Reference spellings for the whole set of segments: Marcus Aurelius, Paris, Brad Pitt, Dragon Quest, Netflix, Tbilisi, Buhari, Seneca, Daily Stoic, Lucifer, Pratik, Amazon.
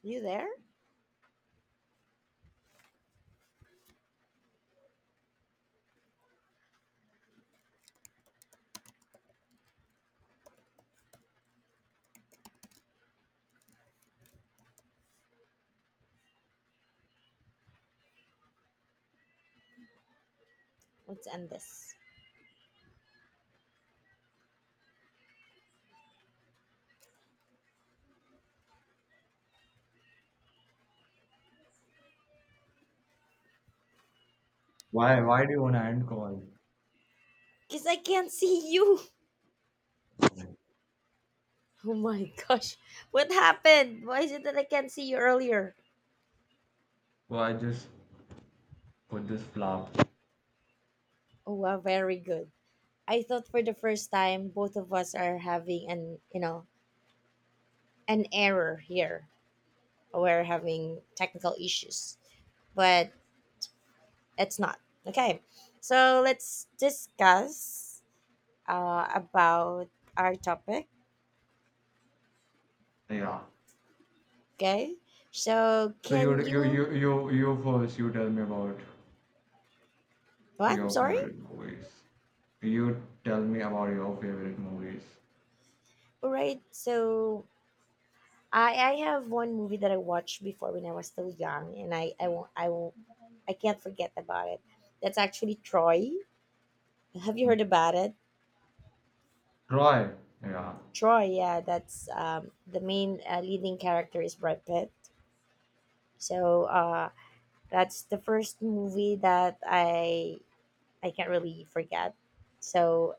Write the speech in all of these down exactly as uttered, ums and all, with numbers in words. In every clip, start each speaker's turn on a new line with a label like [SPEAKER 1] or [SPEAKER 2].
[SPEAKER 1] You there? Let's end this.
[SPEAKER 2] Why? Why do you want to hand call?
[SPEAKER 1] Because I can't see you. Oh my gosh. What happened? Why is it that I can't see you earlier?
[SPEAKER 2] Why just put this flower?
[SPEAKER 1] Oh, wow, very good. I thought for the first time both of us are having an, you know, an error here. We're having technical issues, but it's not. Okay. So let's discuss uh, about our topic.
[SPEAKER 2] Yeah.
[SPEAKER 1] Okay. So
[SPEAKER 2] So you
[SPEAKER 1] can
[SPEAKER 2] you
[SPEAKER 1] you,
[SPEAKER 2] you you you first. You tell me about
[SPEAKER 1] what? I'm
[SPEAKER 2] your
[SPEAKER 1] sorry.
[SPEAKER 2] favorite movies. You tell me about your favorite movies.
[SPEAKER 1] All right. So I I have one movie that I watched before when I was still young, and I I won't I won't I can't forget about it. That's actually Troy. Have you heard about it?
[SPEAKER 2] Try. Yeah.
[SPEAKER 1] Troy, yeah, that's um, the main uh, leading character is Brad Pitt. So uh, that's the first movie that I I can't really forget. So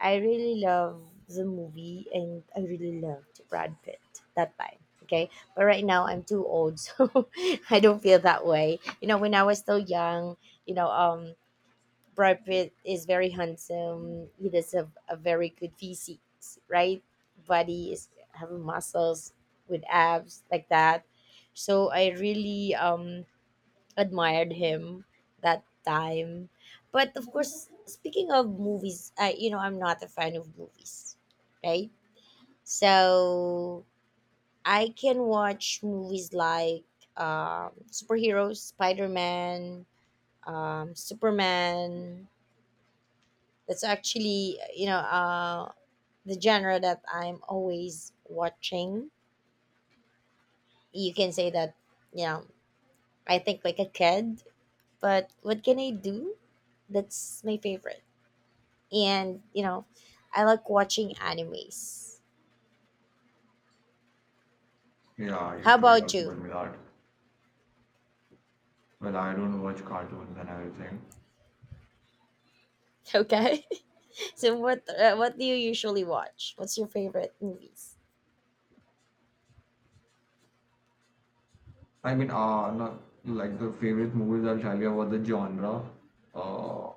[SPEAKER 1] I really love the movie and I really loved Brad Pitt that time. Okay. But right now I'm too old, so I don't feel that way. You know, when I was still young, you know, um Brad Pitt is very handsome. He does have a very good physique, right? Body is having muscles with abs like that. So I really um admired him that time. But of course, speaking of movies, I you know I'm not a fan of movies, right? So I can watch movies like um, superheroes, Spider Man, um, Superman. That's actually you know uh, the genre that I'm always watching. You can say that you know I think like a kid, but what can I do? That's my favorite. and you know i like watching animes.
[SPEAKER 2] Yeah. You
[SPEAKER 1] How
[SPEAKER 2] too. You
[SPEAKER 1] about
[SPEAKER 2] have told
[SPEAKER 1] you?
[SPEAKER 2] me that. Well, I don't watch cartoons and everything.
[SPEAKER 1] Okay. So what uh, what do you usually watch? What's your favorite movies?
[SPEAKER 2] I mean, uh, not like the favorite movies. I'll tell you about the genre. Uh,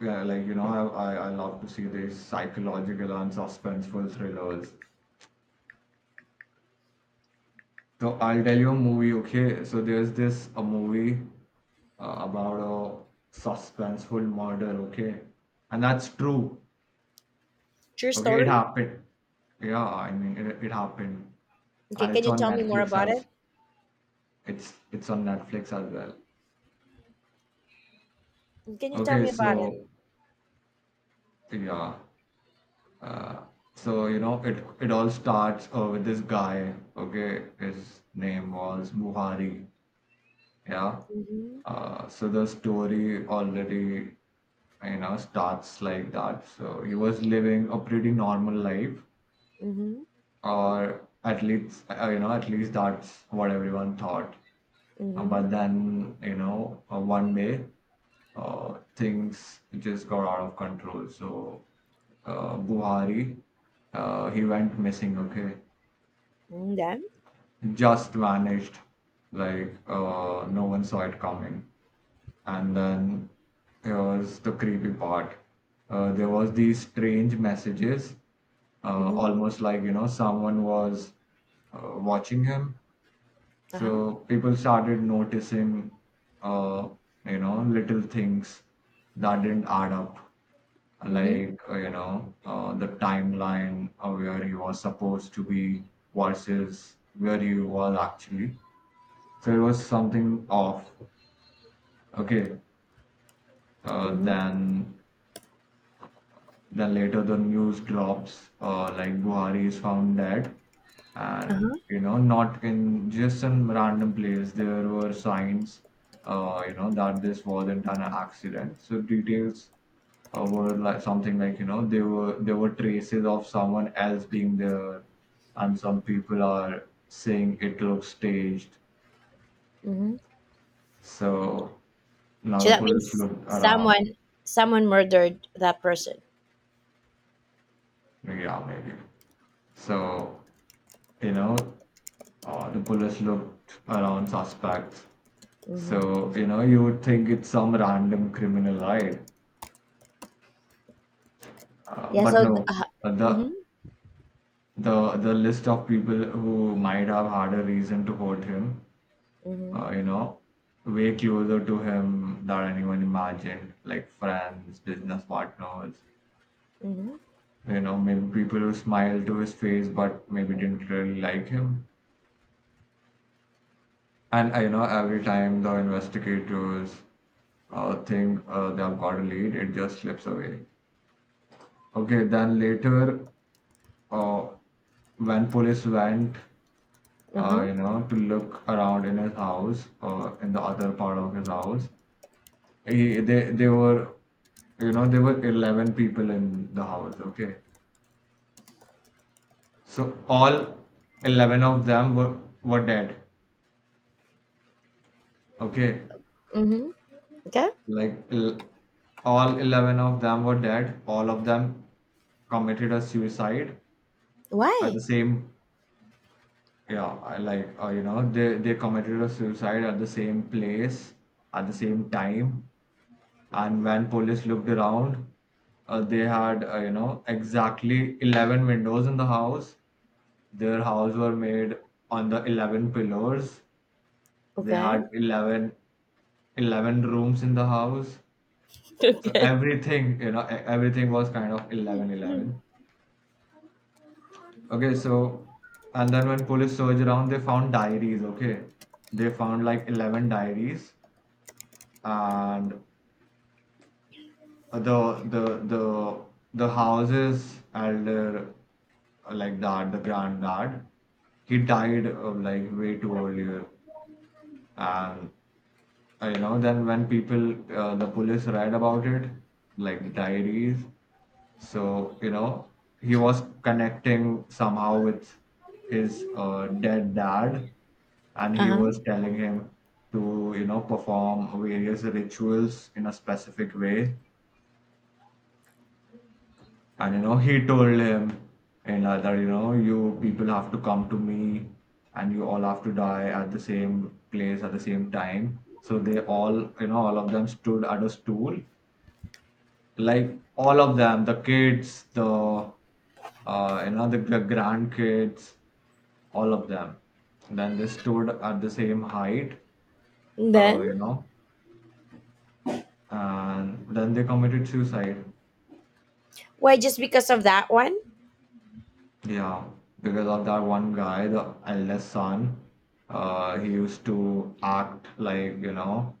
[SPEAKER 2] yeah, like you know, I I, I love to see these psychological and suspenseful thrillers. So I'll tell you a movie, okay? So there's this a movie uh, about a suspenseful murder, okay? And that's true.
[SPEAKER 1] True
[SPEAKER 2] Okay, it
[SPEAKER 1] story.
[SPEAKER 2] happened. Yeah, I mean it, it happened.
[SPEAKER 1] Okay,
[SPEAKER 2] And
[SPEAKER 1] can
[SPEAKER 2] it's
[SPEAKER 1] you
[SPEAKER 2] on
[SPEAKER 1] tell me more
[SPEAKER 2] Netflix
[SPEAKER 1] about it?
[SPEAKER 2] as it's it's on Netflix as well.
[SPEAKER 1] Can you tell
[SPEAKER 2] Okay,
[SPEAKER 1] me about it?
[SPEAKER 2] so yeah. Uh, so you know it it all starts uh, with this guy, okay? His name was Buhari. Yeah.
[SPEAKER 1] Mm-hmm.
[SPEAKER 2] Uh, so the story already, you know, starts like that. So he was living a pretty normal life,
[SPEAKER 1] Mm-hmm.
[SPEAKER 2] or at least, uh, you know, at least that's what everyone thought. Uh,
[SPEAKER 1] Mm-hmm.
[SPEAKER 2] but then, you know, uh, one day, uh, things just got out of control. So uh, Buhari, uh, he went missing. Okay,
[SPEAKER 1] And then?
[SPEAKER 2] just vanished. Like uh, no one saw it coming. And then here's the creepy part. Uh, there was these strange messages, uh,
[SPEAKER 1] Mm-hmm.
[SPEAKER 2] almost like you know someone was uh, watching him.
[SPEAKER 1] Uh-huh.
[SPEAKER 2] So people started noticing, uh, you know, little things that didn't add up,
[SPEAKER 1] Mm-hmm.
[SPEAKER 2] like uh, you know uh, the timeline of where he was supposed to be versus where he was actually. So it was something off. Okay, uh,
[SPEAKER 1] Mm-hmm.
[SPEAKER 2] then Then later the news drops, uh, like Buhari is found dead, and
[SPEAKER 1] Uh-huh.
[SPEAKER 2] you know, not in just some random place. There were signs, uh, you know, that this wasn't an accident. So details uh, were like something like you know there were there were traces of someone else being there, and some people are saying it looks staged.
[SPEAKER 1] Mm-hmm.
[SPEAKER 2] So now
[SPEAKER 1] So
[SPEAKER 2] the
[SPEAKER 1] that
[SPEAKER 2] police
[SPEAKER 1] means
[SPEAKER 2] looked around.
[SPEAKER 1] someone someone murdered that person.
[SPEAKER 2] Yeah, maybe. So, you know Uh, the police looked around suspects. So,
[SPEAKER 1] Mm-hmm.
[SPEAKER 2] you know, you would think it's some random criminal, right? Uh,
[SPEAKER 1] Yeah,
[SPEAKER 2] but
[SPEAKER 1] so th-
[SPEAKER 2] no,
[SPEAKER 1] uh,
[SPEAKER 2] uh, the
[SPEAKER 1] mm-hmm.
[SPEAKER 2] the the list of people who might have had a reason to hurt him,
[SPEAKER 1] Mm-hmm.
[SPEAKER 2] uh, you know, way closer to him than anyone imagined, like friends, business partners,
[SPEAKER 1] Mm-hmm.
[SPEAKER 2] you know, maybe people who smiled to his face but maybe didn't really like him. And uh, you know, every time the investigators uh, think uh, they've got a lead, it just slips away. Okay, then later, uh, when police went, uh,
[SPEAKER 1] Uh-huh.
[SPEAKER 2] you know, to look around in his house, uh, in the other part of his house, he, they they were, you know, there were eleven people in the house. Okay, so all eleven of them were were dead. Okay,
[SPEAKER 1] Mm-hmm. Okay.
[SPEAKER 2] like l- all eleven of them were dead. All of them committed a suicide at
[SPEAKER 1] Why?
[SPEAKER 2] the same. Yeah, I, like, uh, you know they they committed a suicide at the same place at the same time. And when police looked around, uh, they had, uh, you know exactly eleven windows in the house. Their house were made on the eleven pillars. They
[SPEAKER 1] Okay.
[SPEAKER 2] had eleven, eleven rooms in the house. So
[SPEAKER 1] Okay.
[SPEAKER 2] everything, you know, e- everything was kind of eleven eleven. Okay, so, and then when police searched around, they found diaries, okay? They found like eleven diaries, and the the the the house's elder, like dad, the granddad, he died uh, like way too earlier. And, uh, you know, then when people, uh, the police read about it, like diaries. So, you know, he was connecting somehow with his uh, dead dad, and
[SPEAKER 1] Uh
[SPEAKER 2] he
[SPEAKER 1] huh.
[SPEAKER 2] was telling him to, you know, perform various rituals in a specific way. And, you know, he told him, and uh, that, you know, you people have to come to me and you all have to die at the same place at the same time. So they all, you know, all of them stood at a stool, like all of them, the kids, the uh you know the, the grandkids, all of them, then they stood at the same height, uh
[SPEAKER 1] Then.
[SPEAKER 2] you know and then they committed suicide.
[SPEAKER 1] Why? Just because of that one?
[SPEAKER 2] Yeah, because of that one guy, the eldest son. Uh he used to act like, you know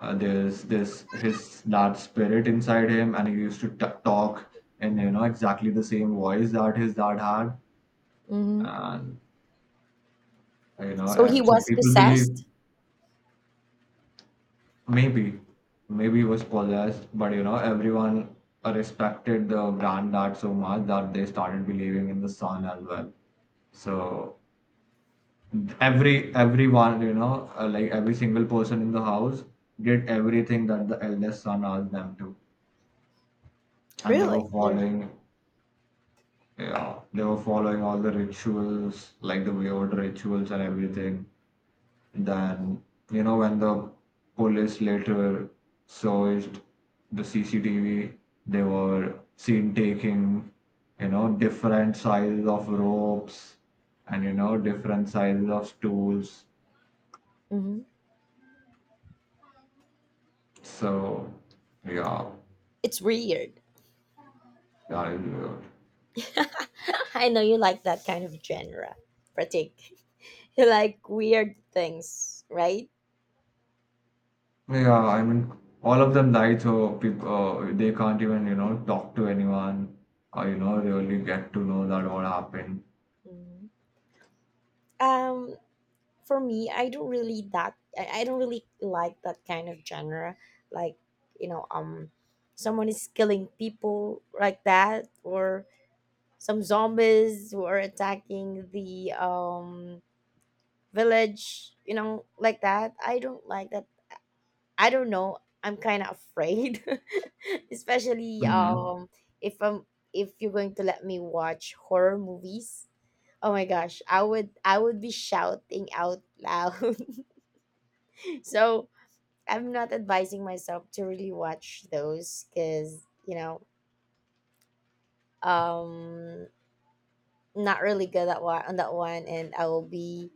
[SPEAKER 2] uh, there's this his that spirit inside him, and he used to t- talk in, you know exactly the same voice that his dad had.
[SPEAKER 1] Mm-hmm.
[SPEAKER 2] And You know,
[SPEAKER 1] So
[SPEAKER 2] uh,
[SPEAKER 1] he
[SPEAKER 2] so
[SPEAKER 1] was
[SPEAKER 2] people believe,
[SPEAKER 1] possessed?
[SPEAKER 2] maybe, maybe it was possessed, but you know, everyone uh, respected the granddad so much that they started believing in the son as well. So every everyone, you know, uh, like every single person in the house did everything that the eldest son asked them to, and they
[SPEAKER 1] Really?
[SPEAKER 2] were
[SPEAKER 1] There.
[SPEAKER 2] following, yeah, they were following all the rituals, like the weird rituals and everything. Then, you know, when the police later searched the C C T V, they were seen taking, you know, different sizes of ropes and, you know, different sizes of stools.
[SPEAKER 1] Mm-hmm.
[SPEAKER 2] So, yeah,
[SPEAKER 1] It's weird.
[SPEAKER 2] that is weird.
[SPEAKER 1] I know you like that kind of genre, Pratik. You like weird things, right?
[SPEAKER 2] Yeah, I mean, all of them died, so people uh, they can't even, you know, talk to anyone or, you know, really get to know that what happened.
[SPEAKER 1] hmm um for me, i don't really that I, I don't really like that kind of genre, like, you know um someone is killing people like that, or some zombies who are attacking the um village, you know like that. I don't like that. I don't know. I'm kind of afraid. Especially
[SPEAKER 2] hmm
[SPEAKER 1] um if I'm if you're going to let me watch horror movies, oh my gosh, i would i would be shouting out loud. So I'm not advising myself to really watch those because you know um not really good at one on that one, and I will be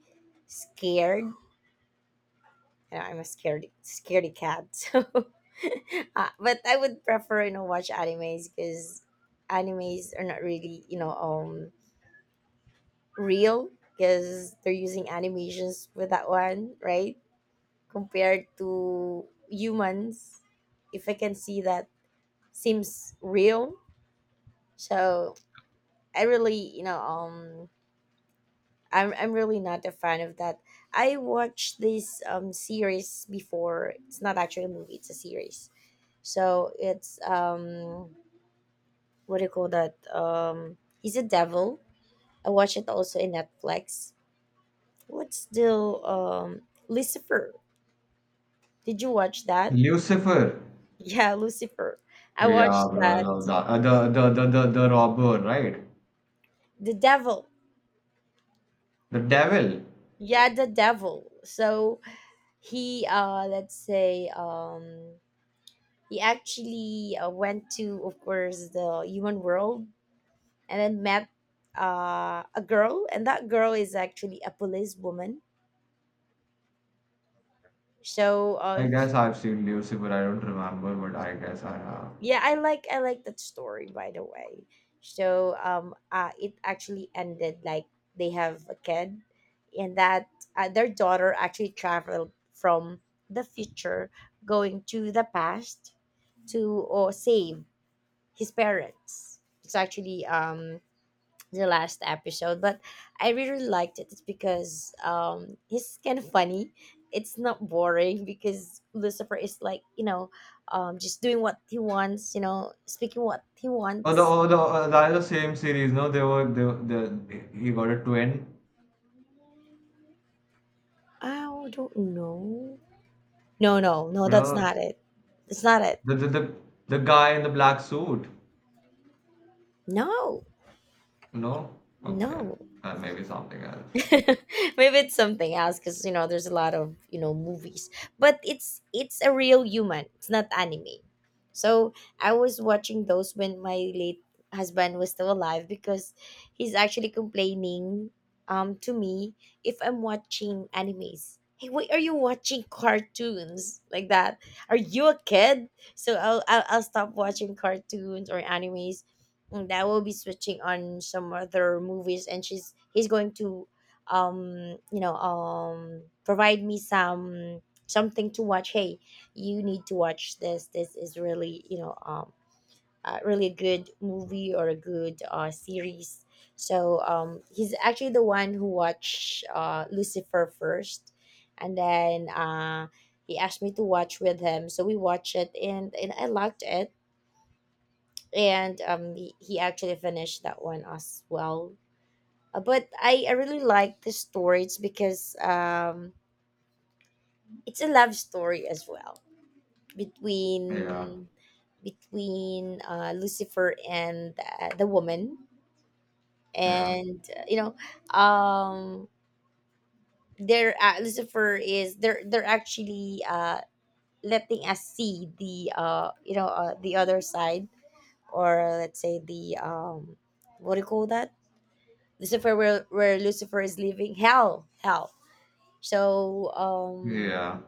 [SPEAKER 1] scared. You know, I'm a scared scaredy cat. So, uh, but I would prefer you know watch animes because animes are not really you know um real, because they're using animations with that one, right, compared to humans. If I can see that seems real, so I really you know um I'm I'm really not a fan of that. I watched this um series before. It's not actually a movie, it's a series. So it's um what do you call that? Um He's a Devil. I watched it also in Netflix. What's the um Lucifer? Did you watch that?
[SPEAKER 2] Lucifer.
[SPEAKER 1] Yeah, Lucifer. I
[SPEAKER 2] Yeah,
[SPEAKER 1] watched
[SPEAKER 2] bro, I
[SPEAKER 1] that.
[SPEAKER 2] love that. Uh, the, the the the the robber, right?
[SPEAKER 1] The Devil.
[SPEAKER 2] The devil.
[SPEAKER 1] Yeah, the Devil. So he uh let's say um He actually uh, went to, of course, the human world and then met uh, a girl, and that girl is actually a policewoman. So,
[SPEAKER 2] I
[SPEAKER 1] uh,
[SPEAKER 2] guess I've seen Lucifer. I don't remember, but I guess I have.
[SPEAKER 1] yeah, I like I like that story, by the way. So, um, uh, it actually ended like they have a kid, and that uh, their daughter actually traveled from the future going to the past to or save his parents. It's actually um the last episode, but I really liked it. It's because um he's kind of funny. It's not boring because Lucifer is like, you know, um just doing what he wants. You know, speaking what he
[SPEAKER 2] Oh, the
[SPEAKER 1] wants.
[SPEAKER 2] oh the uh, that is the same series. No, they were they, were- the he got a twin.
[SPEAKER 1] I don't know. No, no, no.
[SPEAKER 2] You
[SPEAKER 1] That's
[SPEAKER 2] know,
[SPEAKER 1] not it. That's not it.
[SPEAKER 2] the the the the guy in the black suit.
[SPEAKER 1] No,
[SPEAKER 2] No, okay,
[SPEAKER 1] no.
[SPEAKER 2] uh, maybe something else.
[SPEAKER 1] Maybe it's something else, because you know there's a lot of you know movies, but it's it's a real human, it's not anime. So i was watching those when my late husband was still alive, because he's actually complaining um to me, if I'm watching animes, hey, why are you watching cartoons like that? Are you a kid? So i'll i'll, I'll stop watching cartoons or animes, and I will be switching on some other movies, and she's he's going to um you know um provide me some something to watch. Hey, you need to watch this. This is really you know um uh, really a good movie or a good uh series. So um he's actually the one who watched uh Lucifer first, and then uh he asked me to watch with him. So we watched it, and and i liked it. And um he, he actually finished that one as well. uh, but I, I really like the story. It's because um, it's a love story as well
[SPEAKER 2] Yeah,
[SPEAKER 1] between between uh, Lucifer and uh, the woman,
[SPEAKER 2] yeah,
[SPEAKER 1] and uh, you know, um, they're uh, Lucifer is they're they're actually uh, letting us see the uh, you know uh, the other side, or uh, let's say the um, what do you call that? Lucifer, where where Lucifer is living, hell, hell So
[SPEAKER 2] yeah.
[SPEAKER 1] um,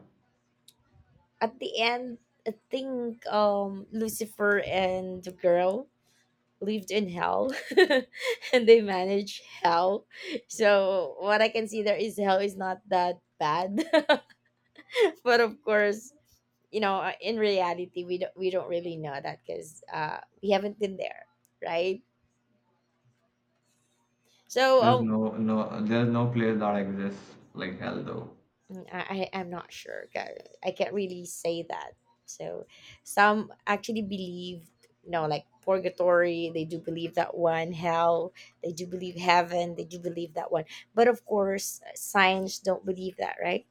[SPEAKER 1] at the end, I think um, Lucifer and the girl lived in hell, and they managed hell. So what I can see there is hell is not that bad, but of course, you know, uh, in reality, we don't we don't really know that because uh, we haven't been there, right? So
[SPEAKER 2] There's
[SPEAKER 1] um,
[SPEAKER 2] no no there's no place that exists like hell though.
[SPEAKER 1] mm, I, I am not sure. ca- I can't really say that. So some actually believe, you know, like purgatory, they do believe that one, hell, they do believe heaven, they do believe that one. But of course, uh, science don't believe that, right?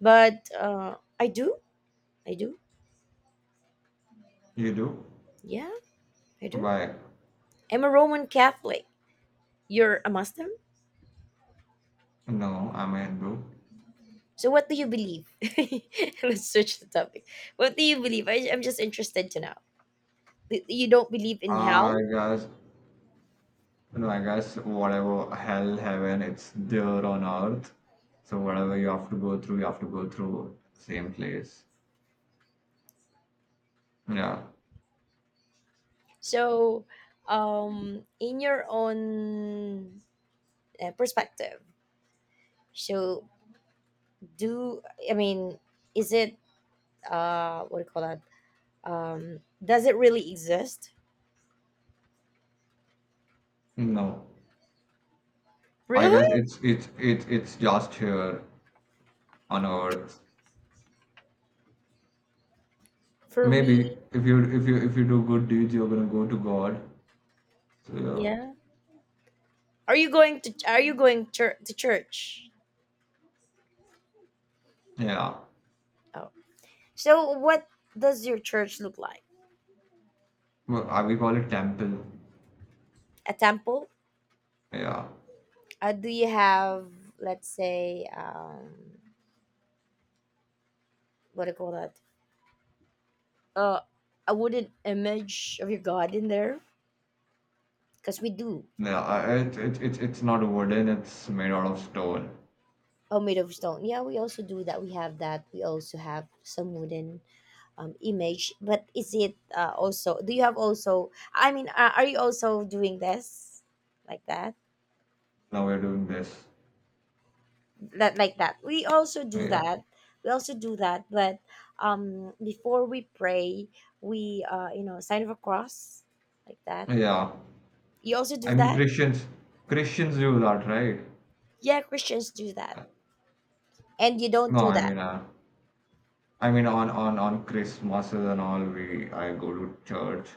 [SPEAKER 1] But uh, I do. I do.
[SPEAKER 2] You do?
[SPEAKER 1] Yeah, I do.
[SPEAKER 2] Why?
[SPEAKER 1] I'm a Roman Catholic. You're a Muslim?
[SPEAKER 2] No, I'm a Hindu.
[SPEAKER 1] So what do you believe? Let's switch the topic. What do you believe? I, I'm just interested to know. You don't believe in
[SPEAKER 2] Ah,
[SPEAKER 1] hell?
[SPEAKER 2] I guess, no, I guess whatever hell, heaven, it's there on earth. So whatever you have to go through, you have to go through the same place. Yeah.
[SPEAKER 1] So, um, in your own uh, perspective, so do I mean, is it uh, what do you call that? Um, does it really exist?
[SPEAKER 2] No. I
[SPEAKER 1] Really?
[SPEAKER 2] guess it's it's it's it's just here on earth.
[SPEAKER 1] For
[SPEAKER 2] Maybe
[SPEAKER 1] me,
[SPEAKER 2] if you if you if you do good deeds, you're gonna go to God. So
[SPEAKER 1] yeah. Are you going to, Are you going chur- to church?
[SPEAKER 2] yeah. Yeah.
[SPEAKER 1] Oh, so what does your church look like?
[SPEAKER 2] Well, uh, we call it temple.
[SPEAKER 1] A temple?
[SPEAKER 2] Yeah.
[SPEAKER 1] Uh, do you have, let's say, um, what do you call that? Uh, a wooden image of your god in there? Because we do.
[SPEAKER 2] Yeah. I- It, it, it's it's not wooden. It's made out of stone.
[SPEAKER 1] Oh, made of stone. Yeah, we also do that. We have that. We also have some wooden, um, image. But is it uh, also? Do you have also? I mean, uh, are you also doing this like that?
[SPEAKER 2] Now we're doing this.
[SPEAKER 1] That like that. We also do
[SPEAKER 2] Yeah.
[SPEAKER 1] that. We also do that. But um, before we pray, we uh, you know sign of a cross like that.
[SPEAKER 2] Yeah.
[SPEAKER 1] You also
[SPEAKER 2] I
[SPEAKER 1] do
[SPEAKER 2] mean
[SPEAKER 1] that.
[SPEAKER 2] Christians Christians do that, right?
[SPEAKER 1] Yeah, Christians do that, and you don't
[SPEAKER 2] No,
[SPEAKER 1] do
[SPEAKER 2] I
[SPEAKER 1] that.
[SPEAKER 2] mean uh, I mean on on on Christmases and all we I go to church.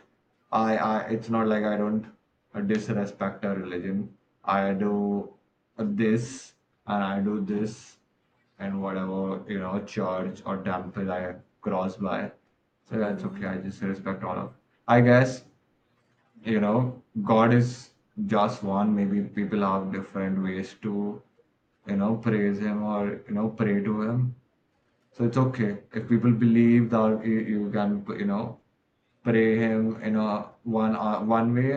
[SPEAKER 2] I I it's not like I don't uh, disrespect a religion. I do this and I do this and whatever you know church or temple I cross by. So that's okay.
[SPEAKER 1] Mm-hmm.
[SPEAKER 2] I just respect all of. I guess you know God is just one. Maybe people have different ways to you know praise him or you know pray to him, so it's okay if people believe that, you, you can you know pray him in a one uh, one way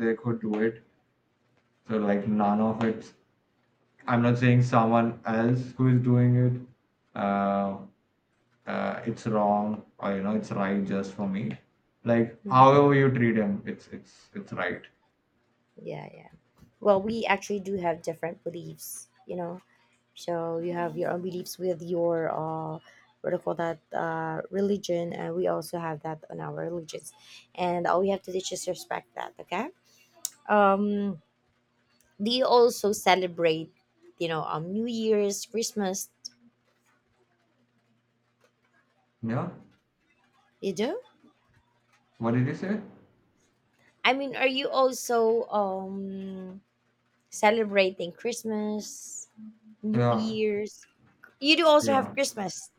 [SPEAKER 2] they could do it. So, like, none of it. I'm not saying someone else who is doing it, uh, uh, it's wrong or you know it's right. Just for me, like,
[SPEAKER 1] Mm-hmm.
[SPEAKER 2] however you treat him, it's it's it's right.
[SPEAKER 1] Yeah, yeah. Well, we actually do have different beliefs, you know so you have your own beliefs with your, uh what do you call that, uh religion, and we also have that on our religions, and all we have to do is just respect that. Okay. um do you also celebrate, you know um New Year's, Christmas?
[SPEAKER 2] Yeah.
[SPEAKER 1] You do?
[SPEAKER 2] What did you say?
[SPEAKER 1] I mean, are you also um celebrating Christmas, New
[SPEAKER 2] Yeah,
[SPEAKER 1] Year's? You do also
[SPEAKER 2] yeah,
[SPEAKER 1] have Christmas?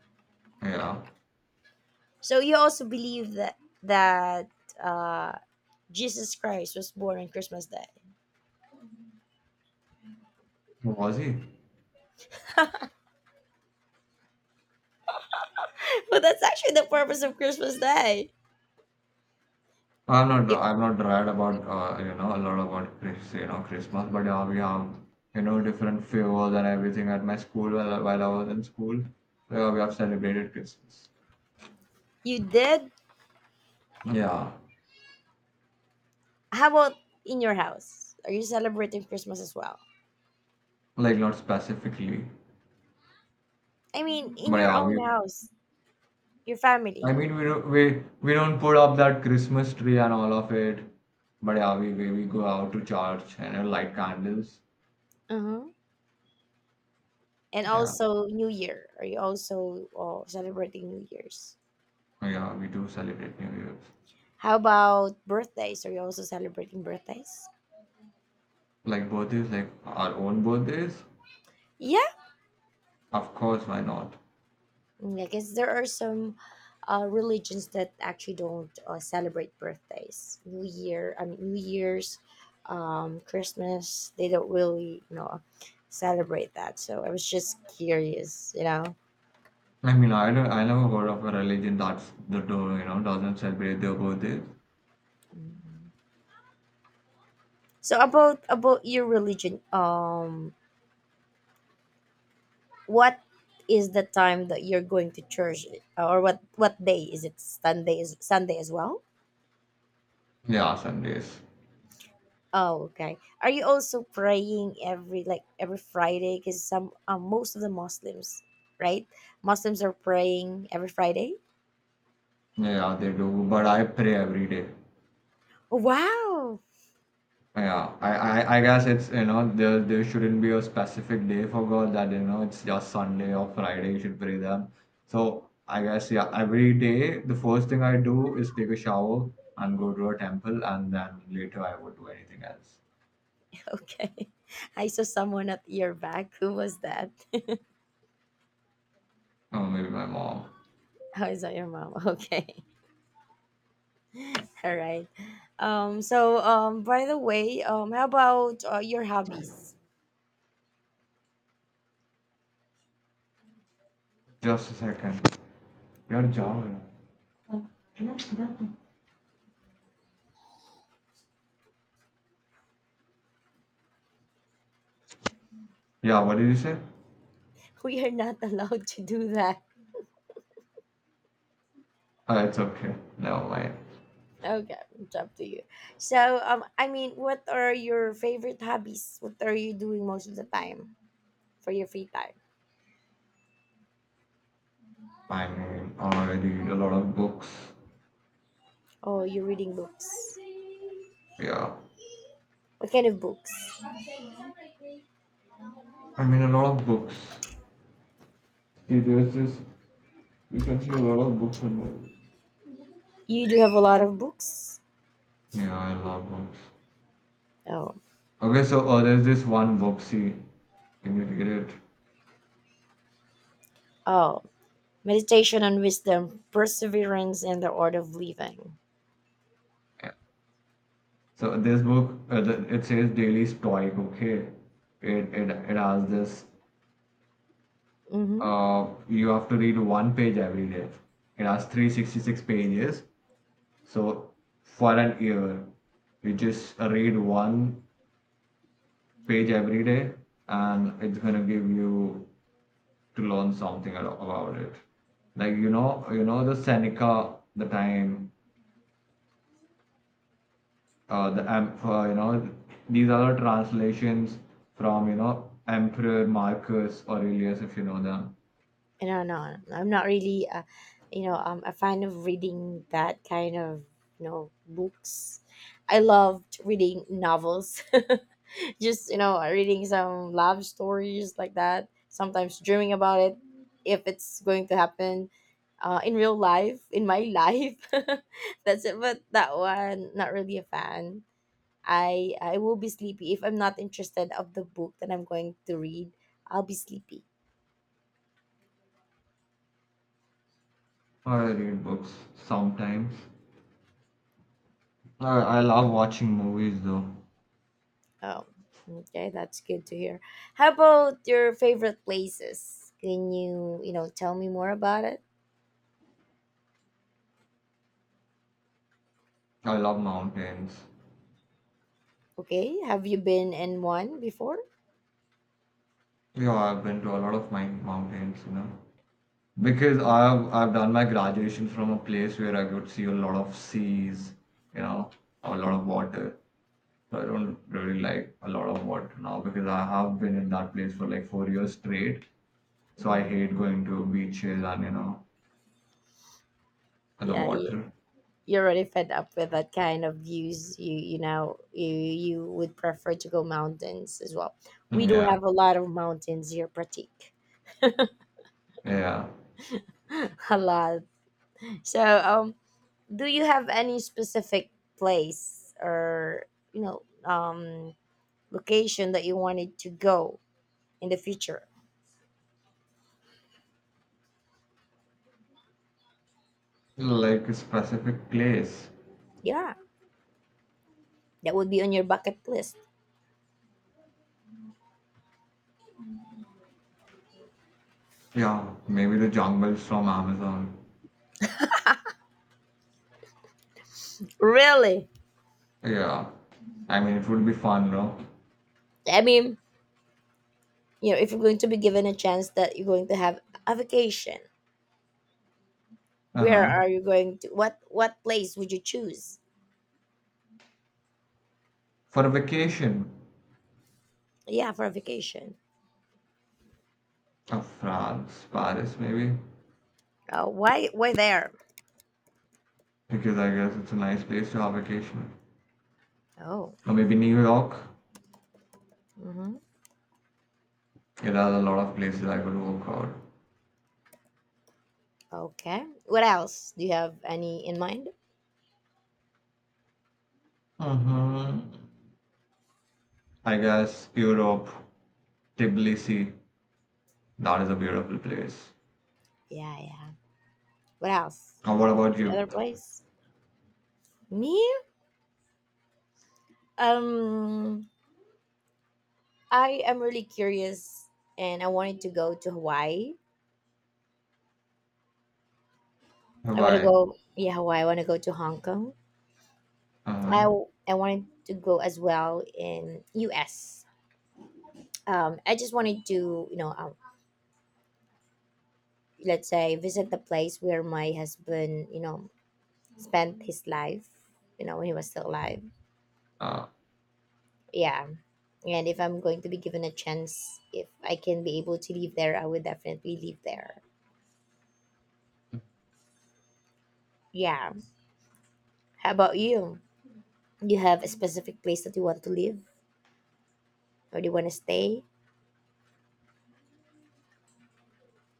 [SPEAKER 2] yeah.
[SPEAKER 1] So you also believe that that uh, Jesus Christ was born on Christmas Day.
[SPEAKER 2] Was he?
[SPEAKER 1] Well, that's actually the purpose of Christmas Day.
[SPEAKER 2] I'm not.
[SPEAKER 1] If
[SPEAKER 2] I'm not right about, uh, you know a lot about Chris, you know Christmas, but yeah, we have you know different favors and everything at my school while while I was in school. Yeah, we have celebrated Christmas.
[SPEAKER 1] you did,
[SPEAKER 2] Yeah,
[SPEAKER 1] how about in your house? Are you celebrating Christmas as well?
[SPEAKER 2] like not specifically,
[SPEAKER 1] I mean, in
[SPEAKER 2] but
[SPEAKER 1] your
[SPEAKER 2] yeah,
[SPEAKER 1] own
[SPEAKER 2] we.
[SPEAKER 1] house, your
[SPEAKER 2] I
[SPEAKER 1] family,
[SPEAKER 2] mean, we don't we we don't put up that Christmas tree and all of it, but yeah, we we, we go out to church and uh, light candles.
[SPEAKER 1] uh-huh. And
[SPEAKER 2] Yeah,
[SPEAKER 1] also New Year. Are you also, oh, celebrating New Year's?
[SPEAKER 2] yeah, we do celebrate New Year's.
[SPEAKER 1] How about birthdays? Are you also celebrating birthdays?
[SPEAKER 2] Like birthdays, like our own birthdays?
[SPEAKER 1] Yeah.
[SPEAKER 2] Of course, why not?
[SPEAKER 1] Mm, I guess there are some uh, religions that actually don't uh, celebrate birthdays, New Year, I mean New Year's, um, Christmas. They don't really, you know, celebrate that. So I was just curious, you know.
[SPEAKER 2] I mean, I, don't- I never heard of a religion that's that do you know doesn't celebrate their birthdays.
[SPEAKER 1] Mm. So about about your religion, um, what is the time that you're going to church, or what what day is it? Sunday is Sunday as well.
[SPEAKER 2] Yeah, Sundays.
[SPEAKER 1] Oh, okay. Are you also praying every, like every Friday? Because some um, most of the Muslims, right? Muslims are praying every Friday.
[SPEAKER 2] Yeah, they do. But I pray every day.
[SPEAKER 1] Oh, wow.
[SPEAKER 2] Yeah, I, I, I guess it's, you know there there shouldn't be a specific day for God that, you know it's just Sunday or Friday you should pray them. So I guess yeah, every day the first thing I do is take a shower and go to a temple, and then later I would do anything else.
[SPEAKER 1] Okay. I saw someone at your back. Who was that? Oh,
[SPEAKER 2] Or maybe my mom.
[SPEAKER 1] is that your mom? Okay. All right. Um. So um. By the way, um. How about uh, your hobbies?
[SPEAKER 2] Just a second. You're
[SPEAKER 1] Oh,
[SPEAKER 2] Java. Yeah, what did you say?
[SPEAKER 1] we are not allowed to do that.
[SPEAKER 2] Uh, it's okay. Never mind.
[SPEAKER 1] Okay, it's up to you. So, um, I mean, what are your favorite hobbies? What are you doing most of the time for your free time?
[SPEAKER 2] I mean, I read a lot of books.
[SPEAKER 1] Oh, you're reading books.
[SPEAKER 2] Yeah.
[SPEAKER 1] What kind of books?
[SPEAKER 2] I mean, a lot of books. See, there's this. You can see a lot of books on there.
[SPEAKER 1] You do have a lot of books.
[SPEAKER 2] Yeah, I love books.
[SPEAKER 1] Oh,
[SPEAKER 2] Okay, so uh, there's this one book. See, can you read it?
[SPEAKER 1] oh, meditation on wisdom, perseverance, and the art of living.
[SPEAKER 2] Yeah. So this book, uh, the, it says Daily Stoic. Okay, it it it has this,
[SPEAKER 1] Mm-hmm.
[SPEAKER 2] uh, you have to read one page every day. It has three hundred sixty-six pages. So for an year, you just read one page every day, and it's gonna give you to learn something a- about it. Like you know, you know the Seneca, the time, uh, the um, uh, you know, these are the translations from, you know Emperor Marcus Aurelius, if you know them.
[SPEAKER 1] No, no, I'm not really. Uh, you know, um, a fan of reading that kind of you know books. I loved reading novels. Just you know, reading some love stories like that. Sometimes dreaming about it, if it's going to happen, uh, in real life, in my life. That's it. But that one, not really a fan. I I will be sleepy if I'm not interested of the book that I'm going to read. I'll be sleepy.
[SPEAKER 2] Or I read books sometimes. No, I love watching movies though.
[SPEAKER 1] Oh, okay, that's good to hear. How about your favorite places? Can you, you know, tell me more about it?
[SPEAKER 2] I love mountains.
[SPEAKER 1] Okay, have you been in one before?
[SPEAKER 2] Yeah, I've been to a lot of my mountains, you know. Because I've I've done my graduation from a place where I could see a lot of seas, you know, a lot of
[SPEAKER 1] hmm
[SPEAKER 2] water. So I don't really like a lot of water now because I have been in that place for like four years straight. So I
[SPEAKER 1] hmm
[SPEAKER 2] hate going to beaches and you know the
[SPEAKER 1] Yeah, you,
[SPEAKER 2] water.
[SPEAKER 1] you're already fed up with that kind of views. You, you know, you you would prefer to go mountains as well. We do
[SPEAKER 2] Yeah,
[SPEAKER 1] have a lot of mountains here, Pratik.
[SPEAKER 2] yeah.
[SPEAKER 1] A lot. So, um, do you have any specific place or you know, um, location that you wanted to go in the future.
[SPEAKER 2] Like a specific place.
[SPEAKER 1] Yeah, that would be on your bucket list.
[SPEAKER 2] Yeah, maybe the jungles from Amazon.
[SPEAKER 1] Really?
[SPEAKER 2] Yeah. I mean, it would be fun, no?
[SPEAKER 1] I mean, you know, if you're going to be given a chance that you're going to have a vacation, where
[SPEAKER 2] Uh-huh.
[SPEAKER 1] are you going to? What what place would you choose?
[SPEAKER 2] For a vacation.
[SPEAKER 1] Yeah, for a vacation.
[SPEAKER 2] Uh, France, Paris, maybe.
[SPEAKER 1] Uh, why why there?
[SPEAKER 2] Because I guess it's a nice place to have vacation.
[SPEAKER 1] Oh,
[SPEAKER 2] Or maybe New York.
[SPEAKER 1] mm-hmm.
[SPEAKER 2] It has a lot of places I could walk out.
[SPEAKER 1] Okay. What else? Do you have any in mind?
[SPEAKER 2] Mm-hmm. I guess Europe, Tbilisi. That is a beautiful place.
[SPEAKER 1] Yeah, yeah. What else?
[SPEAKER 2] Uh, what about
[SPEAKER 1] Any
[SPEAKER 2] you?
[SPEAKER 1] other place? Me? Um. I am really curious and I wanted to go to Hawaii. I want to
[SPEAKER 2] Hawaii.
[SPEAKER 1] go, yeah, Hawaii. I want to go to Hong Kong. I,
[SPEAKER 2] Uh-huh.
[SPEAKER 1] I wanted to go as well in U S. Um, I just wanted to, you know, uh, let's say visit the place where my husband, you know, spent his life, you know, when he was still alive.
[SPEAKER 2] Uh,
[SPEAKER 1] Yeah. And if I'm going to be given a chance, if I can be able to live there, I would definitely live there. Yeah. How about you? You have a specific place that you want to live? Or they want to stay.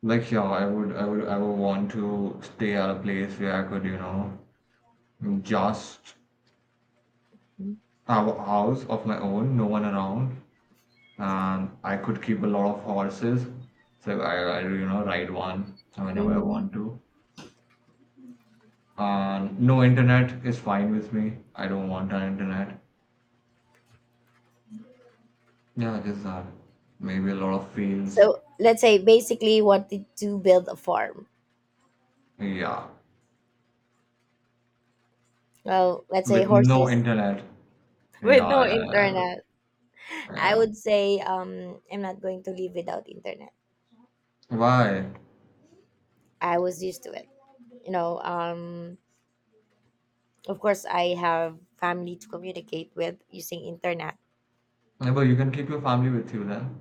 [SPEAKER 2] like, yeah, I would, I would, I would want to stay at a place where I could, you know, just a house of my own, no one around, and I could keep a lot of horses. So I, I you know ride one whenever I
[SPEAKER 1] Mhm.
[SPEAKER 2] want to. And no internet is fine with me. I don't want an internet. Yeah, just that. Maybe a lot of fields.
[SPEAKER 1] So let's say basically wanted to build a farm.
[SPEAKER 2] Yeah,
[SPEAKER 1] Well, let's say
[SPEAKER 2] with no
[SPEAKER 1] horses
[SPEAKER 2] internet. Yeah,
[SPEAKER 1] with no
[SPEAKER 2] yeah, yeah,
[SPEAKER 1] internet. I
[SPEAKER 2] yeah.
[SPEAKER 1] would say um, I'm not going to live without internet.
[SPEAKER 2] Why?
[SPEAKER 1] I was used to it. You know, um, of course, I have family to communicate with using internet.
[SPEAKER 2] Yeah, but you can keep your family with you then.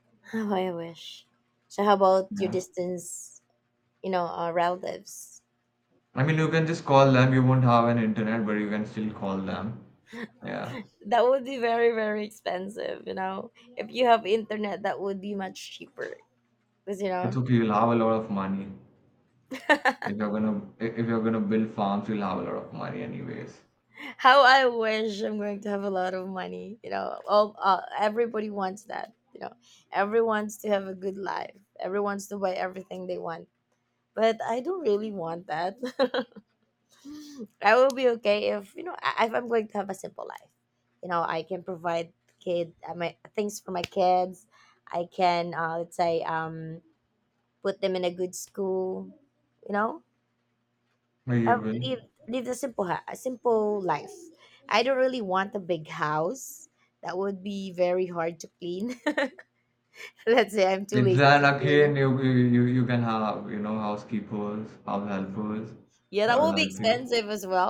[SPEAKER 1] Oh, I wish. So how about your
[SPEAKER 2] Yeah.
[SPEAKER 1] distance? You know, uh, relatives.
[SPEAKER 2] I mean, you can just call them. You won't have an internet, but you can still call them. Yeah.
[SPEAKER 1] That would be very very expensive. You know, if you have internet, that would be much cheaper. Because you
[SPEAKER 2] It's
[SPEAKER 1] know
[SPEAKER 2] okay. You'll have a lot of money if you're gonna, i- if you're gonna build farms. You'll have a lot of money anyways.
[SPEAKER 1] how I wish I'm going to have a lot of money. You know, all uh, everybody wants that. You know, everyone wants to have a good life. Everyone wants to buy everything they want. But I don't really want that. I will be okay if you know I- if I'm going to have a simple life. You know, I can provide kid uh, my things for my kids. I can uh, let's say um, put them in a good school. You know,
[SPEAKER 2] No, you
[SPEAKER 1] have lived
[SPEAKER 2] will.
[SPEAKER 1] lived a simple ha- a simple life. I don't really want a big house. That would be very hard to clean. Let's say I'm too
[SPEAKER 2] It's
[SPEAKER 1] lazy
[SPEAKER 2] then
[SPEAKER 1] to clean.
[SPEAKER 2] again you you you you can have, you know housekeepers, house helpers
[SPEAKER 1] Yeah,
[SPEAKER 2] that
[SPEAKER 1] that
[SPEAKER 2] will
[SPEAKER 1] will be
[SPEAKER 2] help you.
[SPEAKER 1] expensive as well.